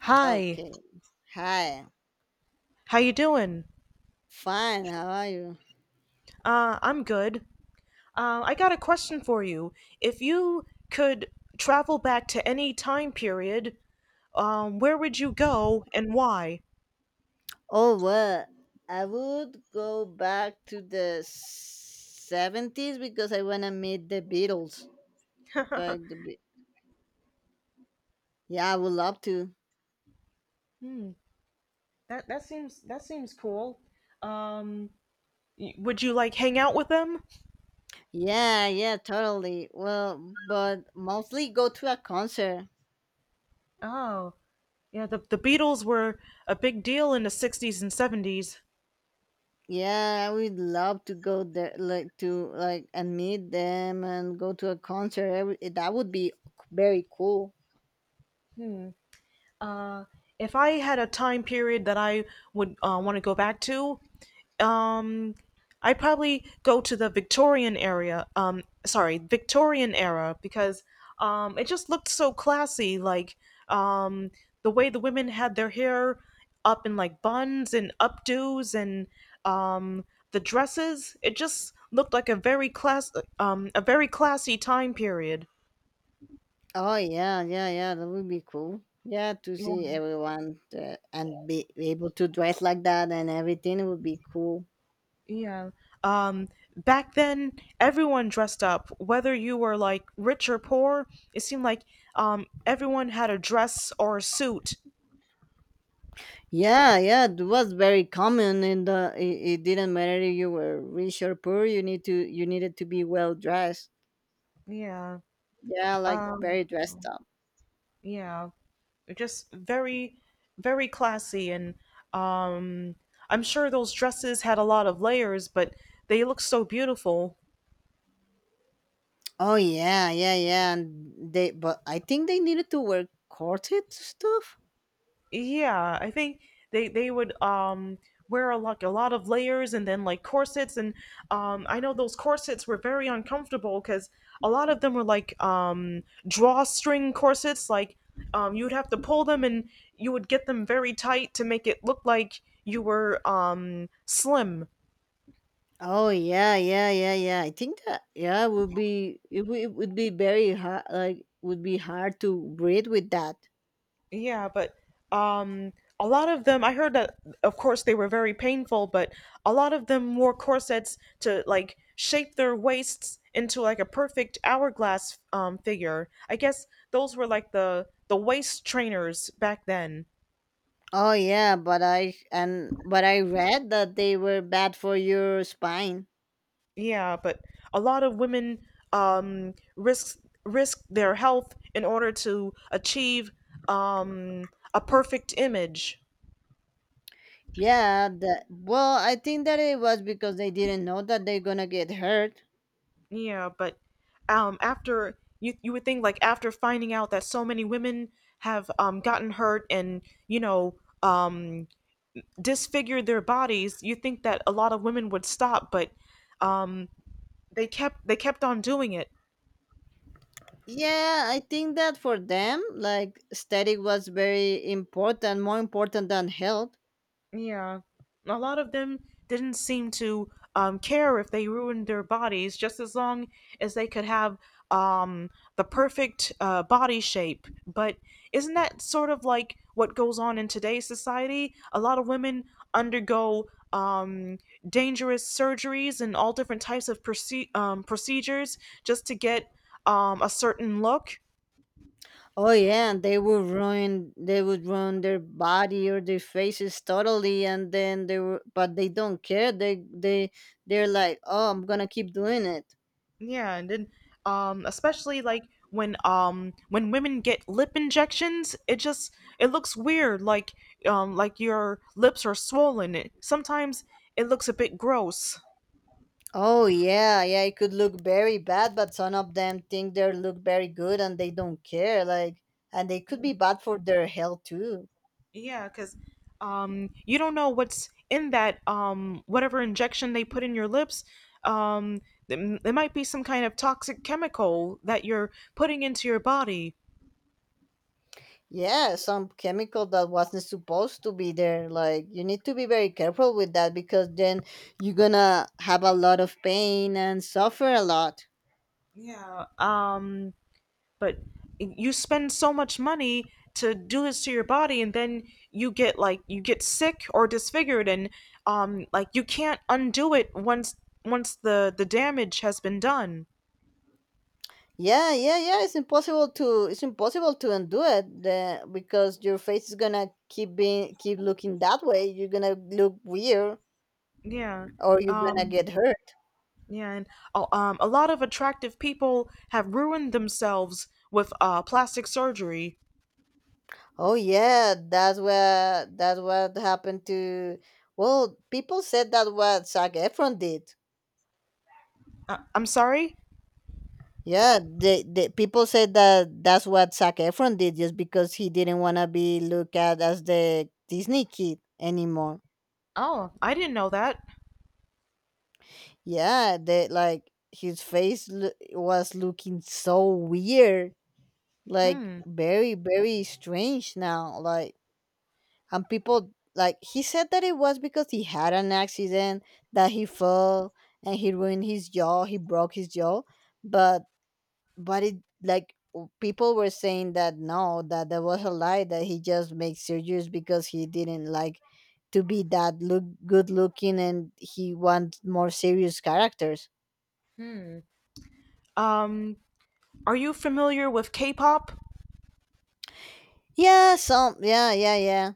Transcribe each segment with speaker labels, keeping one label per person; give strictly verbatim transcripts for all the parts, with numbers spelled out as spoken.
Speaker 1: Hi,
Speaker 2: Okay. Hi.
Speaker 1: how you doing?
Speaker 2: Fine. How are you?
Speaker 1: Uh, I'm good. Uh, I got a question for you. If you could travel back to any time period, um, where would you go and why?
Speaker 2: Oh, well, I would go back to the seventies because I want to meet the Beatles. Like the Be- Yeah, I would love to.
Speaker 1: That that seems that seems cool. Um, y- would you like hang out with them?
Speaker 2: Yeah, yeah, totally. Well, but mostly go to a concert.
Speaker 1: Oh, yeah, the, the Beatles were a big deal in the sixties and seventies.
Speaker 2: Yeah, I would love to go there, like to like and meet them and go to a concert. I would- That would be very cool.
Speaker 1: Uh, if I had a time period that I would uh, want to go back to, um I probably go to the Victorian area. Um sorry, Victorian era because um it just looked so classy like um the way the women had their hair up in like buns and updos and um the dresses, it just looked like a very class um a very classy time period.
Speaker 2: Oh yeah, yeah, yeah. That would be cool. Yeah, to see everyone uh, and be able to dress like that and everything would be cool.
Speaker 1: Yeah. Um, Back then, everyone dressed up, whether you were like rich or poor. It seemed like um, everyone had a dress or a suit.
Speaker 2: Yeah, yeah. It was very common, and the it, it didn't matter if you were rich or poor. You need to you needed to be well dressed.
Speaker 1: Yeah.
Speaker 2: Yeah, like
Speaker 1: Um,
Speaker 2: very dressed up.
Speaker 1: yeah. Just very, very classy. And um, I'm sure those dresses had a lot of layers, but they looked so beautiful.
Speaker 2: Oh yeah, yeah, yeah. And they, but I think they needed to wear corset stuff.
Speaker 1: Yeah, I think they they would um wear a, like a lot of layers and then like corsets and um I know those corsets were very uncomfortable because a lot of them were like um drawstring corsets like um you would have to pull them and you would get them very tight to make it look like you were um slim.
Speaker 2: Oh yeah, yeah, yeah, yeah. I think that yeah it would be it, would it would be very hard like would be hard to breathe with that.
Speaker 1: Yeah, but um, a lot of them, I heard that, of course, they were very painful, but a lot of them wore corsets to like shape their waists into like a perfect hourglass um, figure. I guess those were like the the waist trainers back then.
Speaker 2: Oh yeah, but I and but I read that they were bad for your spine.
Speaker 1: Yeah, but a lot of women um, risk risk their health in order to achieve um, a perfect image.
Speaker 2: Yeah, that well, I think that it was because they didn't know that they're gonna get hurt.
Speaker 1: Yeah, but um, after you you would think like after finding out that so many women have um gotten hurt and you know um disfigured their bodies, you would think that a lot of women would stop, but um they kept they kept on doing it.
Speaker 2: Yeah, I think that for them, like static was very important, more important than health.
Speaker 1: Yeah. A lot of them didn't seem to um, care if they ruined their bodies, just as long as they could have um, the perfect uh, body shape. But isn't that sort of like what goes on in today's society? A lot of women undergo um, dangerous surgeries and all different types of proce- um, procedures just to get um, a certain look.
Speaker 2: Oh yeah, and they would ruin they would ruin their body or their faces totally and then they were but they don't care. They they they're like, "Oh, I'm going to keep doing it."
Speaker 1: Yeah, and then um especially like when um when women get lip injections, it just it looks weird like um like your lips are swollen. It, sometimes it looks a bit gross.
Speaker 2: Oh yeah, yeah, it could look very bad, but some of them think they look very good and they don't care like and they could be bad for their health too.
Speaker 1: Yeah, cuz um you don't know what's in that um whatever injection they put in your lips. Um there there might be some kind of toxic chemical that you're putting into your body.
Speaker 2: Yeah, some chemical that wasn't supposed to be there. Like you need to be very careful with that because then you're going to have a lot of pain and suffer a lot.
Speaker 1: Yeah. Um but you spend so much money to do this to your body and then you get like you get sick or disfigured and um like you can't undo it once once the the damage has been done.
Speaker 2: Yeah, yeah, yeah. It's impossible to it's impossible to undo it the, because your face is gonna keep being keep looking that way. You're gonna look weird,
Speaker 1: Yeah.
Speaker 2: or you're gonna
Speaker 1: um
Speaker 2: get hurt.
Speaker 1: yeah. And uh, um a lot of attractive people have ruined themselves with uh plastic surgery.
Speaker 2: Oh yeah, that's what that's what happened to. Well, people said that what Zac Efron did.
Speaker 1: uh, I'm sorry.
Speaker 2: Yeah, the, the people said that that's what Zac Efron did just because he didn't want to be looked at as the Disney kid anymore.
Speaker 1: Oh, I didn't know that.
Speaker 2: Yeah, the like his face lo- was looking so weird, like
Speaker 1: Hmm.
Speaker 2: very very strange now. Like and people like he said that it was because he had an accident that he fell and he ruined his jaw, he broke his jaw, but but it like w- people were saying that no, that there was a lie, that he just makes surgeries because he didn't like to be that look good looking and he wants more serious characters.
Speaker 1: Hmm. um are you familiar with k-pop?
Speaker 2: Yeah, some, yeah, yeah, yeah,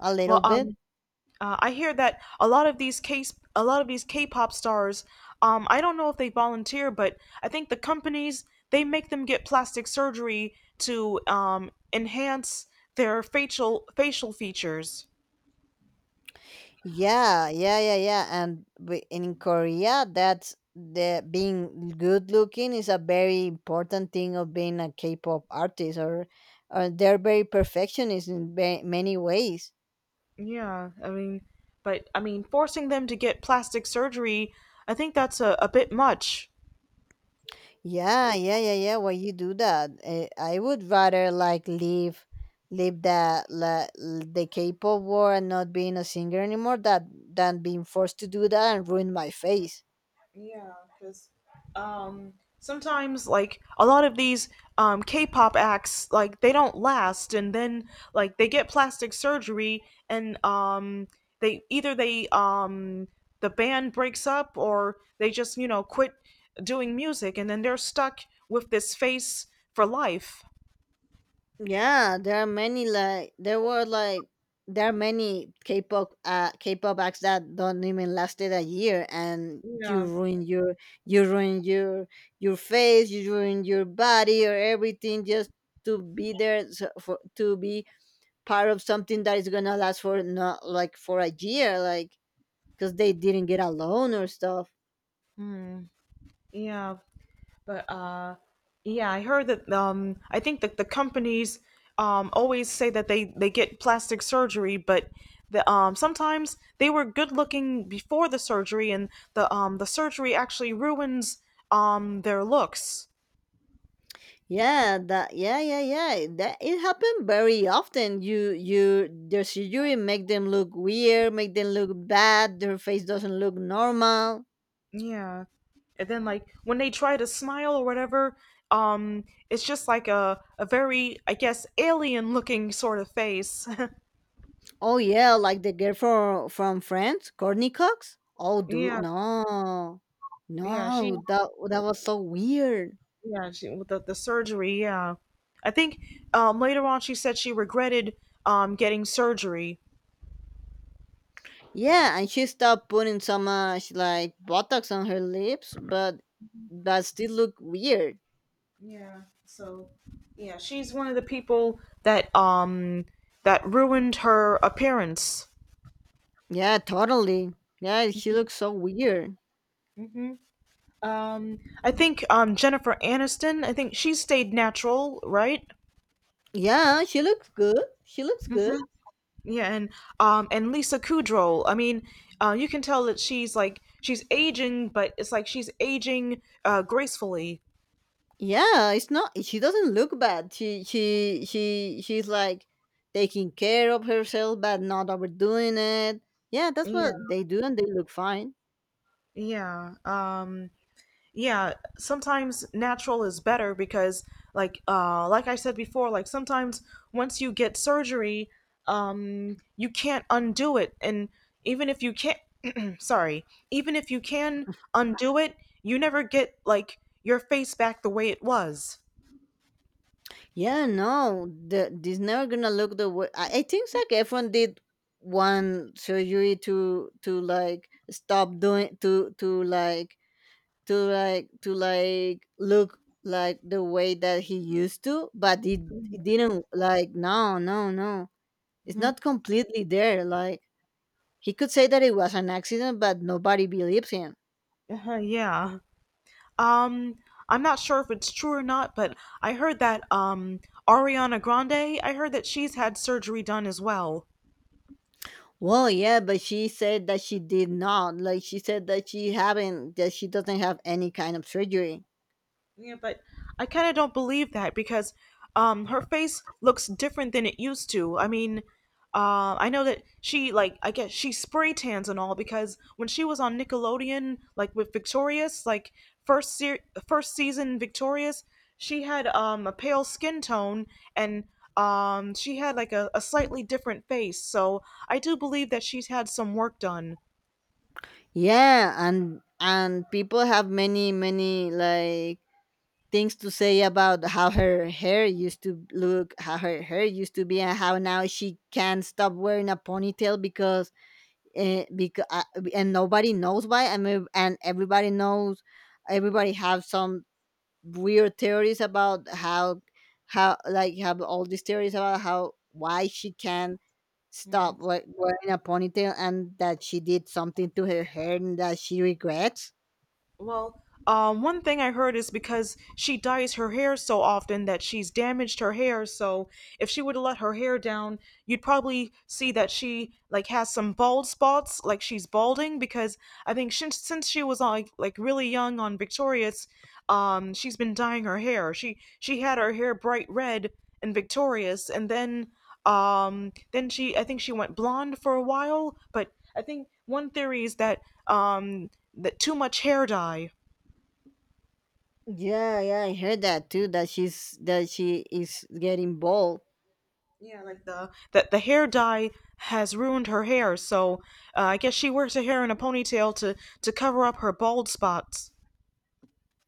Speaker 2: a
Speaker 1: well
Speaker 2: little
Speaker 1: um
Speaker 2: bit.
Speaker 1: Uh, I hear that a lot of these case a lot of these K-pop stars, um, I don't know if they volunteer, but I think the companies they make them get plastic surgery to um, enhance their facial facial features.
Speaker 2: Yeah, yeah, yeah, yeah, and we- in Korea, that's the being good looking is a very important thing of being a K-pop artist, or, or they're very perfectionist in ba- many ways.
Speaker 1: Yeah, I mean, but I mean, forcing them to get plastic surgery, I think that's a, a bit much.
Speaker 2: Yeah, yeah, yeah, yeah. Why you do that? Eh, I would rather like leave leave that la, the K-pop war and not being a singer anymore that than being forced to do that and ruin my face.
Speaker 1: Yeah, because um, sometimes like a lot of these um, K-pop acts like they don't last, and then like they get plastic surgery, and um, they either they um, the band breaks up or they just you know quit doing music, and then they're stuck with this face for life.
Speaker 2: Yeah, there are many like there were like there are many K-pop uh, K-pop acts that don't even lasted a year, and you
Speaker 1: Yeah,
Speaker 2: ruin your you ruin your your face, you ruin your body or everything just to be there so for, to be part of something that is gonna last for not like for a year, like because they didn't get a loan or stuff.
Speaker 1: yeah. But uh, yeah, I heard that um, I think that the companies um, always say that they, they get plastic surgery, but the, um, sometimes they were good looking before the surgery, and the um, the surgery actually ruins um, their looks.
Speaker 2: Yeah, that yeah yeah yeah that it happened very often. You you their surgery make them look weird, make them look bad. Their face doesn't look normal.
Speaker 1: Yeah, and then like when they try to smile or whatever, um, it's just like a a very I guess alien looking sort of face.
Speaker 2: Oh yeah, like the girl from from Friends, Courtney Cox. Oh, dude,
Speaker 1: Yeah,
Speaker 2: no,
Speaker 1: yeah, she.
Speaker 2: no, that that was so weird.
Speaker 1: Yeah, she with the, the surgery, yeah. I think um later on she said she regretted um getting surgery.
Speaker 2: Yeah, and she stopped putting so much like Botox on her lips, but that still look weird.
Speaker 1: Yeah. So yeah, she's one of the people that um that ruined her appearance.
Speaker 2: Yeah, totally. Yeah, she looks so weird.
Speaker 1: Hmm. Um I think um Jennifer Aniston, I think she stayed natural, right?
Speaker 2: Yeah, she looks good. She looks good.
Speaker 1: Hmm. Yeah, and um and Lisa Kudrow. I mean, uh, you can tell that she's like she's aging, but it's like she's aging uh gracefully.
Speaker 2: Yeah, it's not. She doesn't look bad. She she she she's like taking care of herself, but not overdoing it. Yeah, that's
Speaker 1: Yeah.
Speaker 2: what they do, and they look fine.
Speaker 1: Yeah. Um yeah, sometimes natural is better because like uh like I said before, like sometimes once you get surgery, um you can't undo it and even if you can't sorry, even if you can undo it, you never get like your face back the way it was.
Speaker 2: Yeah, no, the, this never gonna look the way. I, I think Zac Efron did one surgery to to like stop doing to to like to like to like look like the way that he used to, but it, it didn't like, no, no, no. It's
Speaker 1: Mhm.
Speaker 2: not completely there. Like he could say that it was an accident, but nobody believes him.
Speaker 1: Uh-huh, yeah. Um, I'm not sure if it's true or not, but I heard that um Ariana Grande, I heard that she's had surgery done as well.
Speaker 2: Well, yeah, but she said that she did not. Like she said that she haven't that she doesn't have any kind of surgery.
Speaker 1: Yeah, but I kind of don't believe that because um her face looks different than it used to. I mean, uh, I know that she like I guess she spray tans and all because when she was on Nickelodeon like with Victorious, like first se- first season Victorious, she had um a pale skin tone and um she had like a, a slightly different face. So I do believe that she's had some work done.
Speaker 2: Yeah, and and people have many many like things to say about how her hair used to look, how her hair used to be, and how now she can't stop wearing a ponytail because uh, because uh, and nobody knows why. I mean, and everybody knows, everybody have some weird theories about how how like have all these theories about how why she can't stop we- wearing a ponytail and that she did something to her hair and that she regrets.
Speaker 1: Well, um, one thing I heard is because she dyes her hair so often that she's damaged her hair. So if she would have let her hair down, you'd probably see that she like has some bald spots, like she's balding. Because I think since since she was like like really young on Victorious, um, she's been dyeing her hair. She she had her hair bright red in Victorious, and then um, then she, I think she went blonde for a while, but I think one theory is that um, that too much hair dye.
Speaker 2: Yeah, yeah, I heard that too, that she's that she is getting bald.
Speaker 1: Yeah, like the that the hair dye has ruined her hair, so uh, I guess she wears her hair in a ponytail to to cover up her bald spots.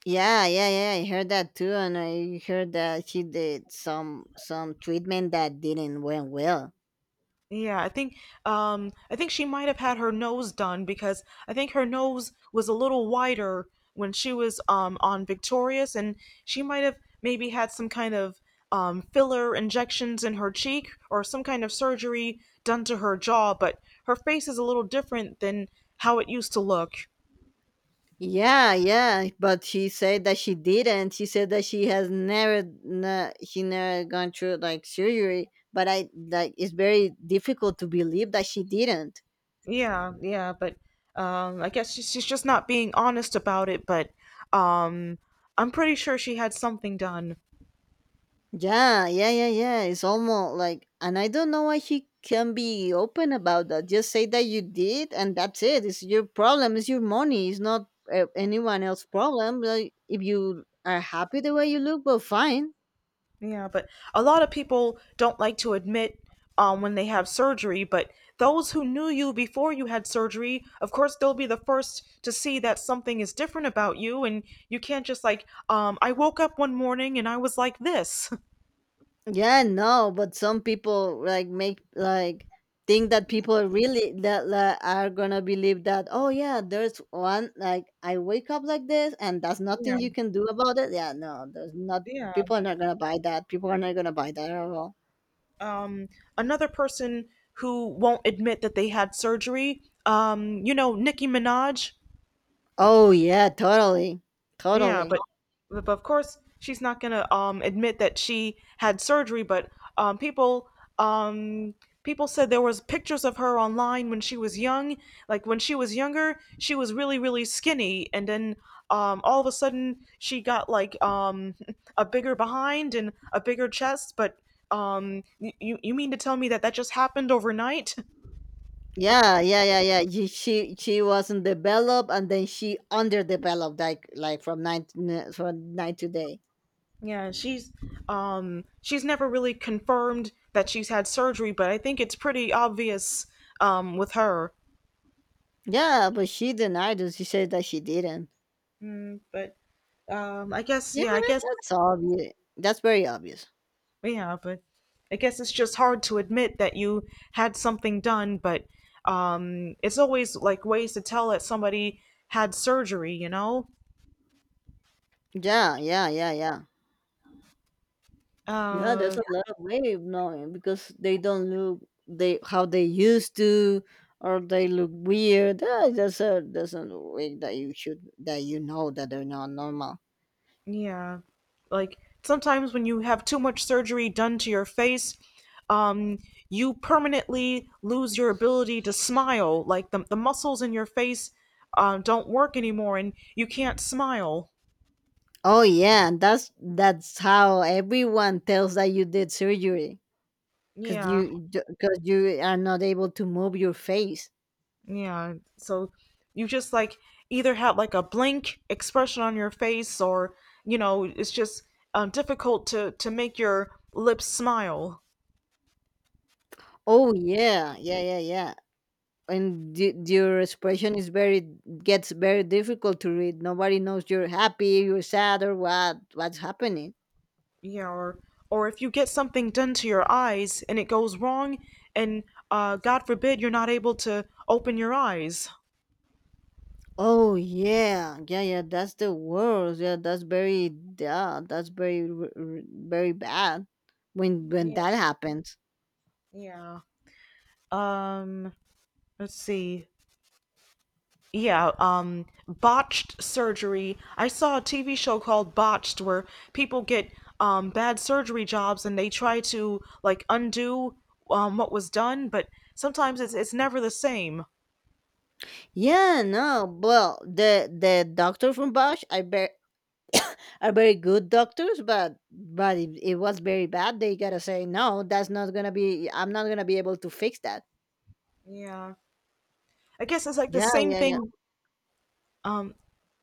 Speaker 2: Yeah, yeah, yeah, I heard that too, and I heard that she did some some treatment that didn't went well.
Speaker 1: Yeah, I think um I think she might have had her nose done because I think her nose was a little wider when she was um on Victorious and she might have maybe had some kind of um filler injections in her cheek or some kind of surgery done to her jaw, but her face is a little different than how it used to look.
Speaker 2: Yeah, yeah, but she said that she didn't she said that she has never na she never gone through like surgery, but I like it's very difficult to believe that she didn't.
Speaker 1: Yeah, yeah, but um I guess she's, she's just not being honest about it, but um I'm pretty sure she had something done.
Speaker 2: Yeah, yeah, yeah, yeah. It's almost like, and I don't know why he can be open about that. Just say that you did, and that's it. It's your problem. It's your money. It's not uh, anyone else's problem. Like, if you are happy the way you look, well, fine.
Speaker 1: Yeah, but a lot of people don't like to admit um, when they have surgery, but those who knew you before you had surgery, of course, they'll be the first to see that something is different about you, and you can't just like, um, I woke up one morning and I was like this.
Speaker 2: Yeah, no, but some people like make like think that people really that like, are gonna believe that. Oh yeah, there's one like I wake up like this, and that's nothing
Speaker 1: Yeah,
Speaker 2: you can do about it. Yeah, no, there's not.
Speaker 1: yeah.
Speaker 2: People are not gonna buy that. People are not gonna buy that at all.
Speaker 1: Um, Another person who won't admit that they had surgery, um, you know, Nicki Minaj.
Speaker 2: Oh yeah, totally,
Speaker 1: Yeah,
Speaker 2: totally.
Speaker 1: but but of course she's not gonna um admit that she had surgery. But um people um people said there was pictures of her online when she was young. Like when she was younger, she was really really skinny, and then um all of a sudden she got like um a bigger behind and a bigger chest. But um y- you you mean to tell me that that just happened overnight?
Speaker 2: Yeah, yeah, yeah, yeah. She she, she wasn't developed, and then she underdeveloped like like from night from night to day.
Speaker 1: Yeah, she's um she's never really confirmed that she's had surgery, but I think it's pretty obvious um with her.
Speaker 2: Yeah, but she denied it. She said that she didn't.
Speaker 1: Mm, but um I guess
Speaker 2: Yeah,
Speaker 1: yeah, I guess
Speaker 2: that's obvious. That's very obvious.
Speaker 1: yeah, but I guess it's just hard to admit that you had something done, but um it's always like ways to tell that somebody had surgery, you know?
Speaker 2: Yeah, yeah, yeah, yeah. Yeah, there's
Speaker 1: Uh,
Speaker 2: a lot of way of knowing because they don't look they how they used to, or they look weird. Ah, There's a there's a way that you should that you know that they're not normal.
Speaker 1: yeah. Like sometimes when you have too much surgery done to your face, um, you permanently lose your ability to smile. Like the, the muscles in your face um, don't work anymore and you can't smile.
Speaker 2: Oh yeah, and that's that's how everyone tells that you did surgery because
Speaker 1: Yeah.
Speaker 2: you because you are not able to move your face.
Speaker 1: Yeah. So you just like either have like a blank expression on your face or, you know, it's just um, difficult to, to make your lips smile.
Speaker 2: Oh yeah, yeah, yeah, yeah, and y- your expression is very gets very difficult to read. Nobody knows you're happy, you're sad, or what what's happening.
Speaker 1: Yeah, or or if you get something done to your eyes and it goes wrong, and uh, God forbid you're not able to open your eyes.
Speaker 2: Oh yeah, yeah, yeah. That's the worst. Yeah, that's very yeah, that's very r- r- very bad when when
Speaker 1: Yeah,
Speaker 2: that happens.
Speaker 1: yeah. Um, let's see. Yeah, um, botched surgery. I saw a T V show called Botched where people get um bad surgery jobs and they try to like undo um what was done, but sometimes it's it's never the same.
Speaker 2: Yeah, no. Well, the the doctor from Bosch, I bet are very good doctors, but but it, it was very bad. They gotta say no. That's not gonna be. I'm not gonna be able to fix that.
Speaker 1: Yeah. I guess it's like the
Speaker 2: Yeah,
Speaker 1: same
Speaker 2: yeah, yeah.
Speaker 1: thing.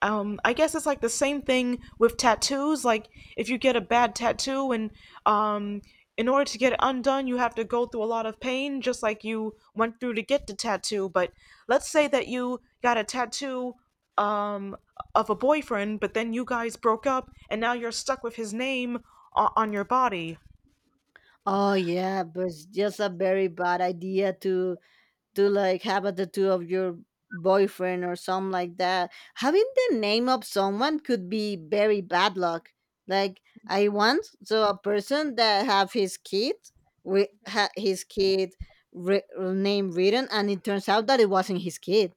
Speaker 1: um, I guess it's like the same thing with tattoos. Like if you get a bad tattoo and um, in order to get it undone, you have to go through a lot of pain, just like you went through to get the tattoo. But let's say that you got a tattoo um, of a boyfriend, but then you guys broke up, and now you're stuck with his name o- on your body.
Speaker 2: Oh yeah, but it's just a very bad idea to to like have a tattoo of your boyfriend or something like that. Having the name of someone could be very bad luck. Like I once saw a person that have his kid with ha- his kid re- name written, and it turns out that it wasn't his kid.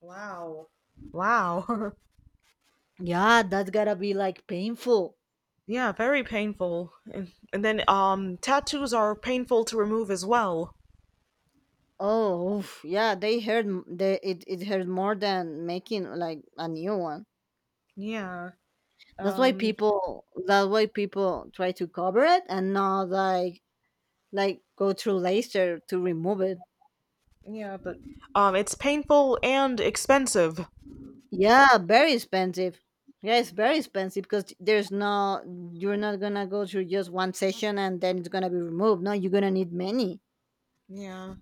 Speaker 1: Wow. Wow.
Speaker 2: Yeah, that's gotta be like painful.
Speaker 1: Yeah, very painful. And, and then um tattoos are painful to remove as well.
Speaker 2: Oh, oof, yeah, they hurt. m- They it it hurt more than making like a new one.
Speaker 1: Yeah.
Speaker 2: That's why
Speaker 1: Um
Speaker 2: people that's why people try to cover it and not like like go through laser to remove it.
Speaker 1: Yeah, but Um, it's painful and expensive.
Speaker 2: Yeah, very expensive. Yeah, it's very expensive because there's no you're not gonna go through just one session and then it's gonna be removed. No, you're gonna need many.
Speaker 1: Yeah.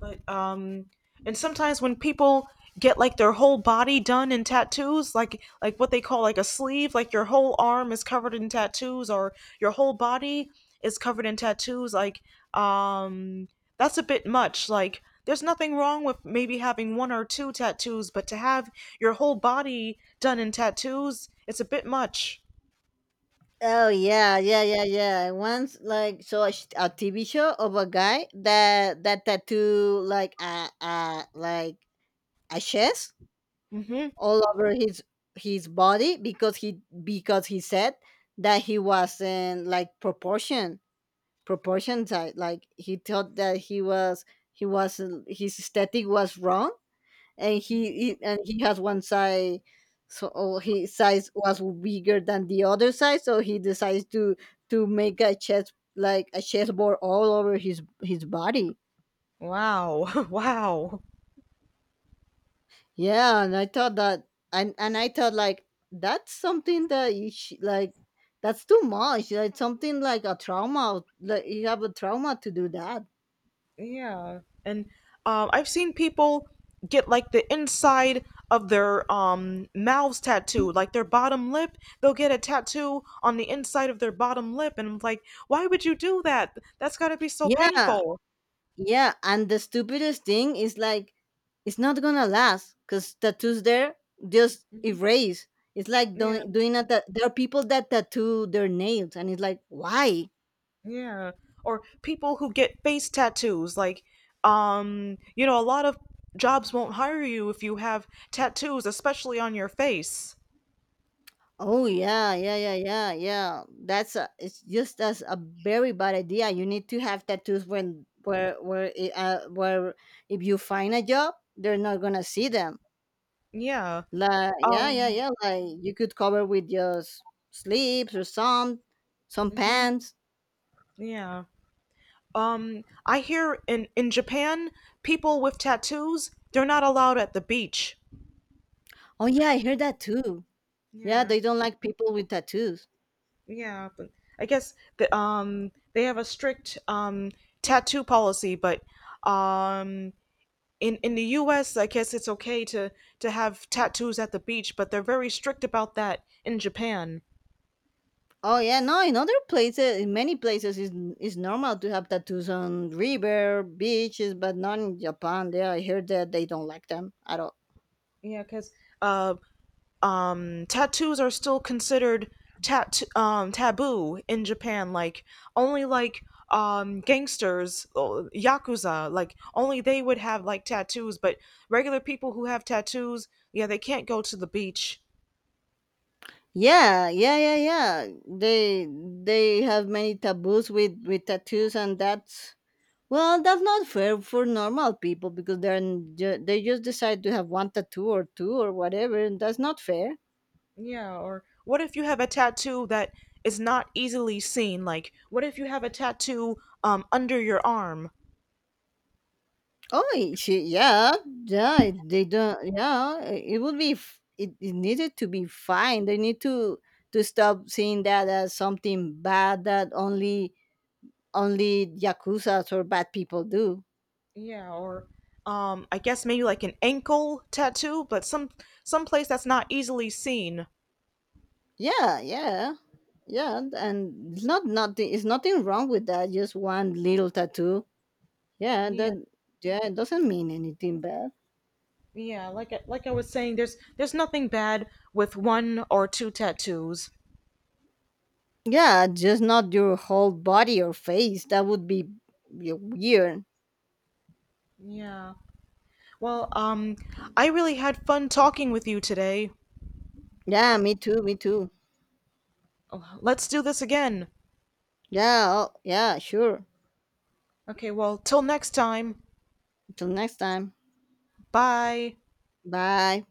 Speaker 1: But um, and sometimes when people get like their whole body done in tattoos, like like what they call like a sleeve, like your whole arm is covered in tattoos, or your whole body is covered in tattoos, like um, that's a bit much. Like there's nothing wrong with maybe having one or two tattoos, but to have your whole body done in tattoos, it's a bit much.
Speaker 2: Oh yeah, yeah, yeah, yeah. Once like so a, sh- a T V show of a guy that that tattoo like a a like a chest
Speaker 1: Mm-hmm.
Speaker 2: all over his his body because he because he said that he wasn't like proportion proportion type like he thought that he was he was his aesthetic was wrong and he, he and he has one side so oh, his size was bigger than the other side so he decides to to make a chest like a chessboard all over his his body.
Speaker 1: Wow. Wow.
Speaker 2: Yeah, and I thought that, and and I thought like that's something that you sh- like that's too much. Like something like a trauma, like you have a trauma to do that.
Speaker 1: Yeah, and um, I've seen people get like the inside of their um mouths tattooed, like their bottom lip. They'll get a tattoo on the inside of their bottom lip, and I'm like, why would you do that? That's got to be so
Speaker 2: Yeah,
Speaker 1: painful.
Speaker 2: yeah, and the stupidest thing is like it's not gonna last because tattoos there just erase. It's like
Speaker 1: Yeah,
Speaker 2: doing doing that. There are people that tattoo their nails, and it's like why?
Speaker 1: yeah. Or people who get face tattoos, like um, you know, a lot of jobs won't hire you if you have tattoos, especially on your face.
Speaker 2: Oh yeah, yeah, yeah, yeah, yeah. That's a, it's just as a very bad idea. You need to have tattoos when where where I- uh, where if you find a job, they're not gonna see them.
Speaker 1: Yeah.
Speaker 2: Like, yeah, yeah,
Speaker 1: Um.
Speaker 2: yeah. Like you could cover with just sleeves or some some
Speaker 1: Hmm.
Speaker 2: pants.
Speaker 1: Yeah. Um, I hear in in Japan, people with tattoos they're not allowed at the beach.
Speaker 2: Oh yeah, I heard that too. Yeah,
Speaker 1: Yeah,
Speaker 2: they don't like people with tattoos.
Speaker 1: yeah, but I guess the, um they have a strict um tattoo policy, but um in in the U S. I guess it's okay to to have tattoos at the beach, but they're very strict about that in Japan.
Speaker 2: Oh yeah, no. In other places, in many places, is is normal to have tattoos on river beaches, but not in Japan. There, I heard that they don't like them at all.
Speaker 1: Yeah, because uh um, tattoos are still considered tat- um, taboo in Japan. Like only like um, gangsters, uh, yakuza, like only they would have like tattoos. But regular people who have tattoos, yeah, they can't go to the beach.
Speaker 2: Yeah, yeah, yeah, yeah. They they have many taboos with with tattoos, and that's well, that's not fair for normal people because they're n- ju- they just decide to have one tattoo or two or whatever, and that's not fair.
Speaker 1: Yeah, or what if you have a tattoo that is not easily seen? Like what if you have a tattoo um, under your arm?
Speaker 2: Oh, she, yeah, yeah, they don't, yeah, it it would be, f- it, it needed to be fine. They need to to stop seeing that as something bad that only only yakuza's or bad people do.
Speaker 1: Yeah, or um, I guess maybe like an ankle tattoo, but some some place that's not easily seen.
Speaker 2: Yeah, yeah, yeah, and it's not nothing. It's nothing wrong with that. Just one little tattoo. Yeah,
Speaker 1: Yeah.
Speaker 2: that yeah, it doesn't mean anything bad.
Speaker 1: Yeah, like I- like I was saying, there's there's nothing bad with one or two tattoos.
Speaker 2: Yeah, just not your whole body or face. That would be weird.
Speaker 1: Yeah. Well, um, I really had fun talking with you today.
Speaker 2: Yeah, me too, me too.
Speaker 1: Let's do this again.
Speaker 2: Yeah, oh, yeah, sure.
Speaker 1: Okay, well, till next time.
Speaker 2: Until next time.
Speaker 1: Bye.
Speaker 2: Bye.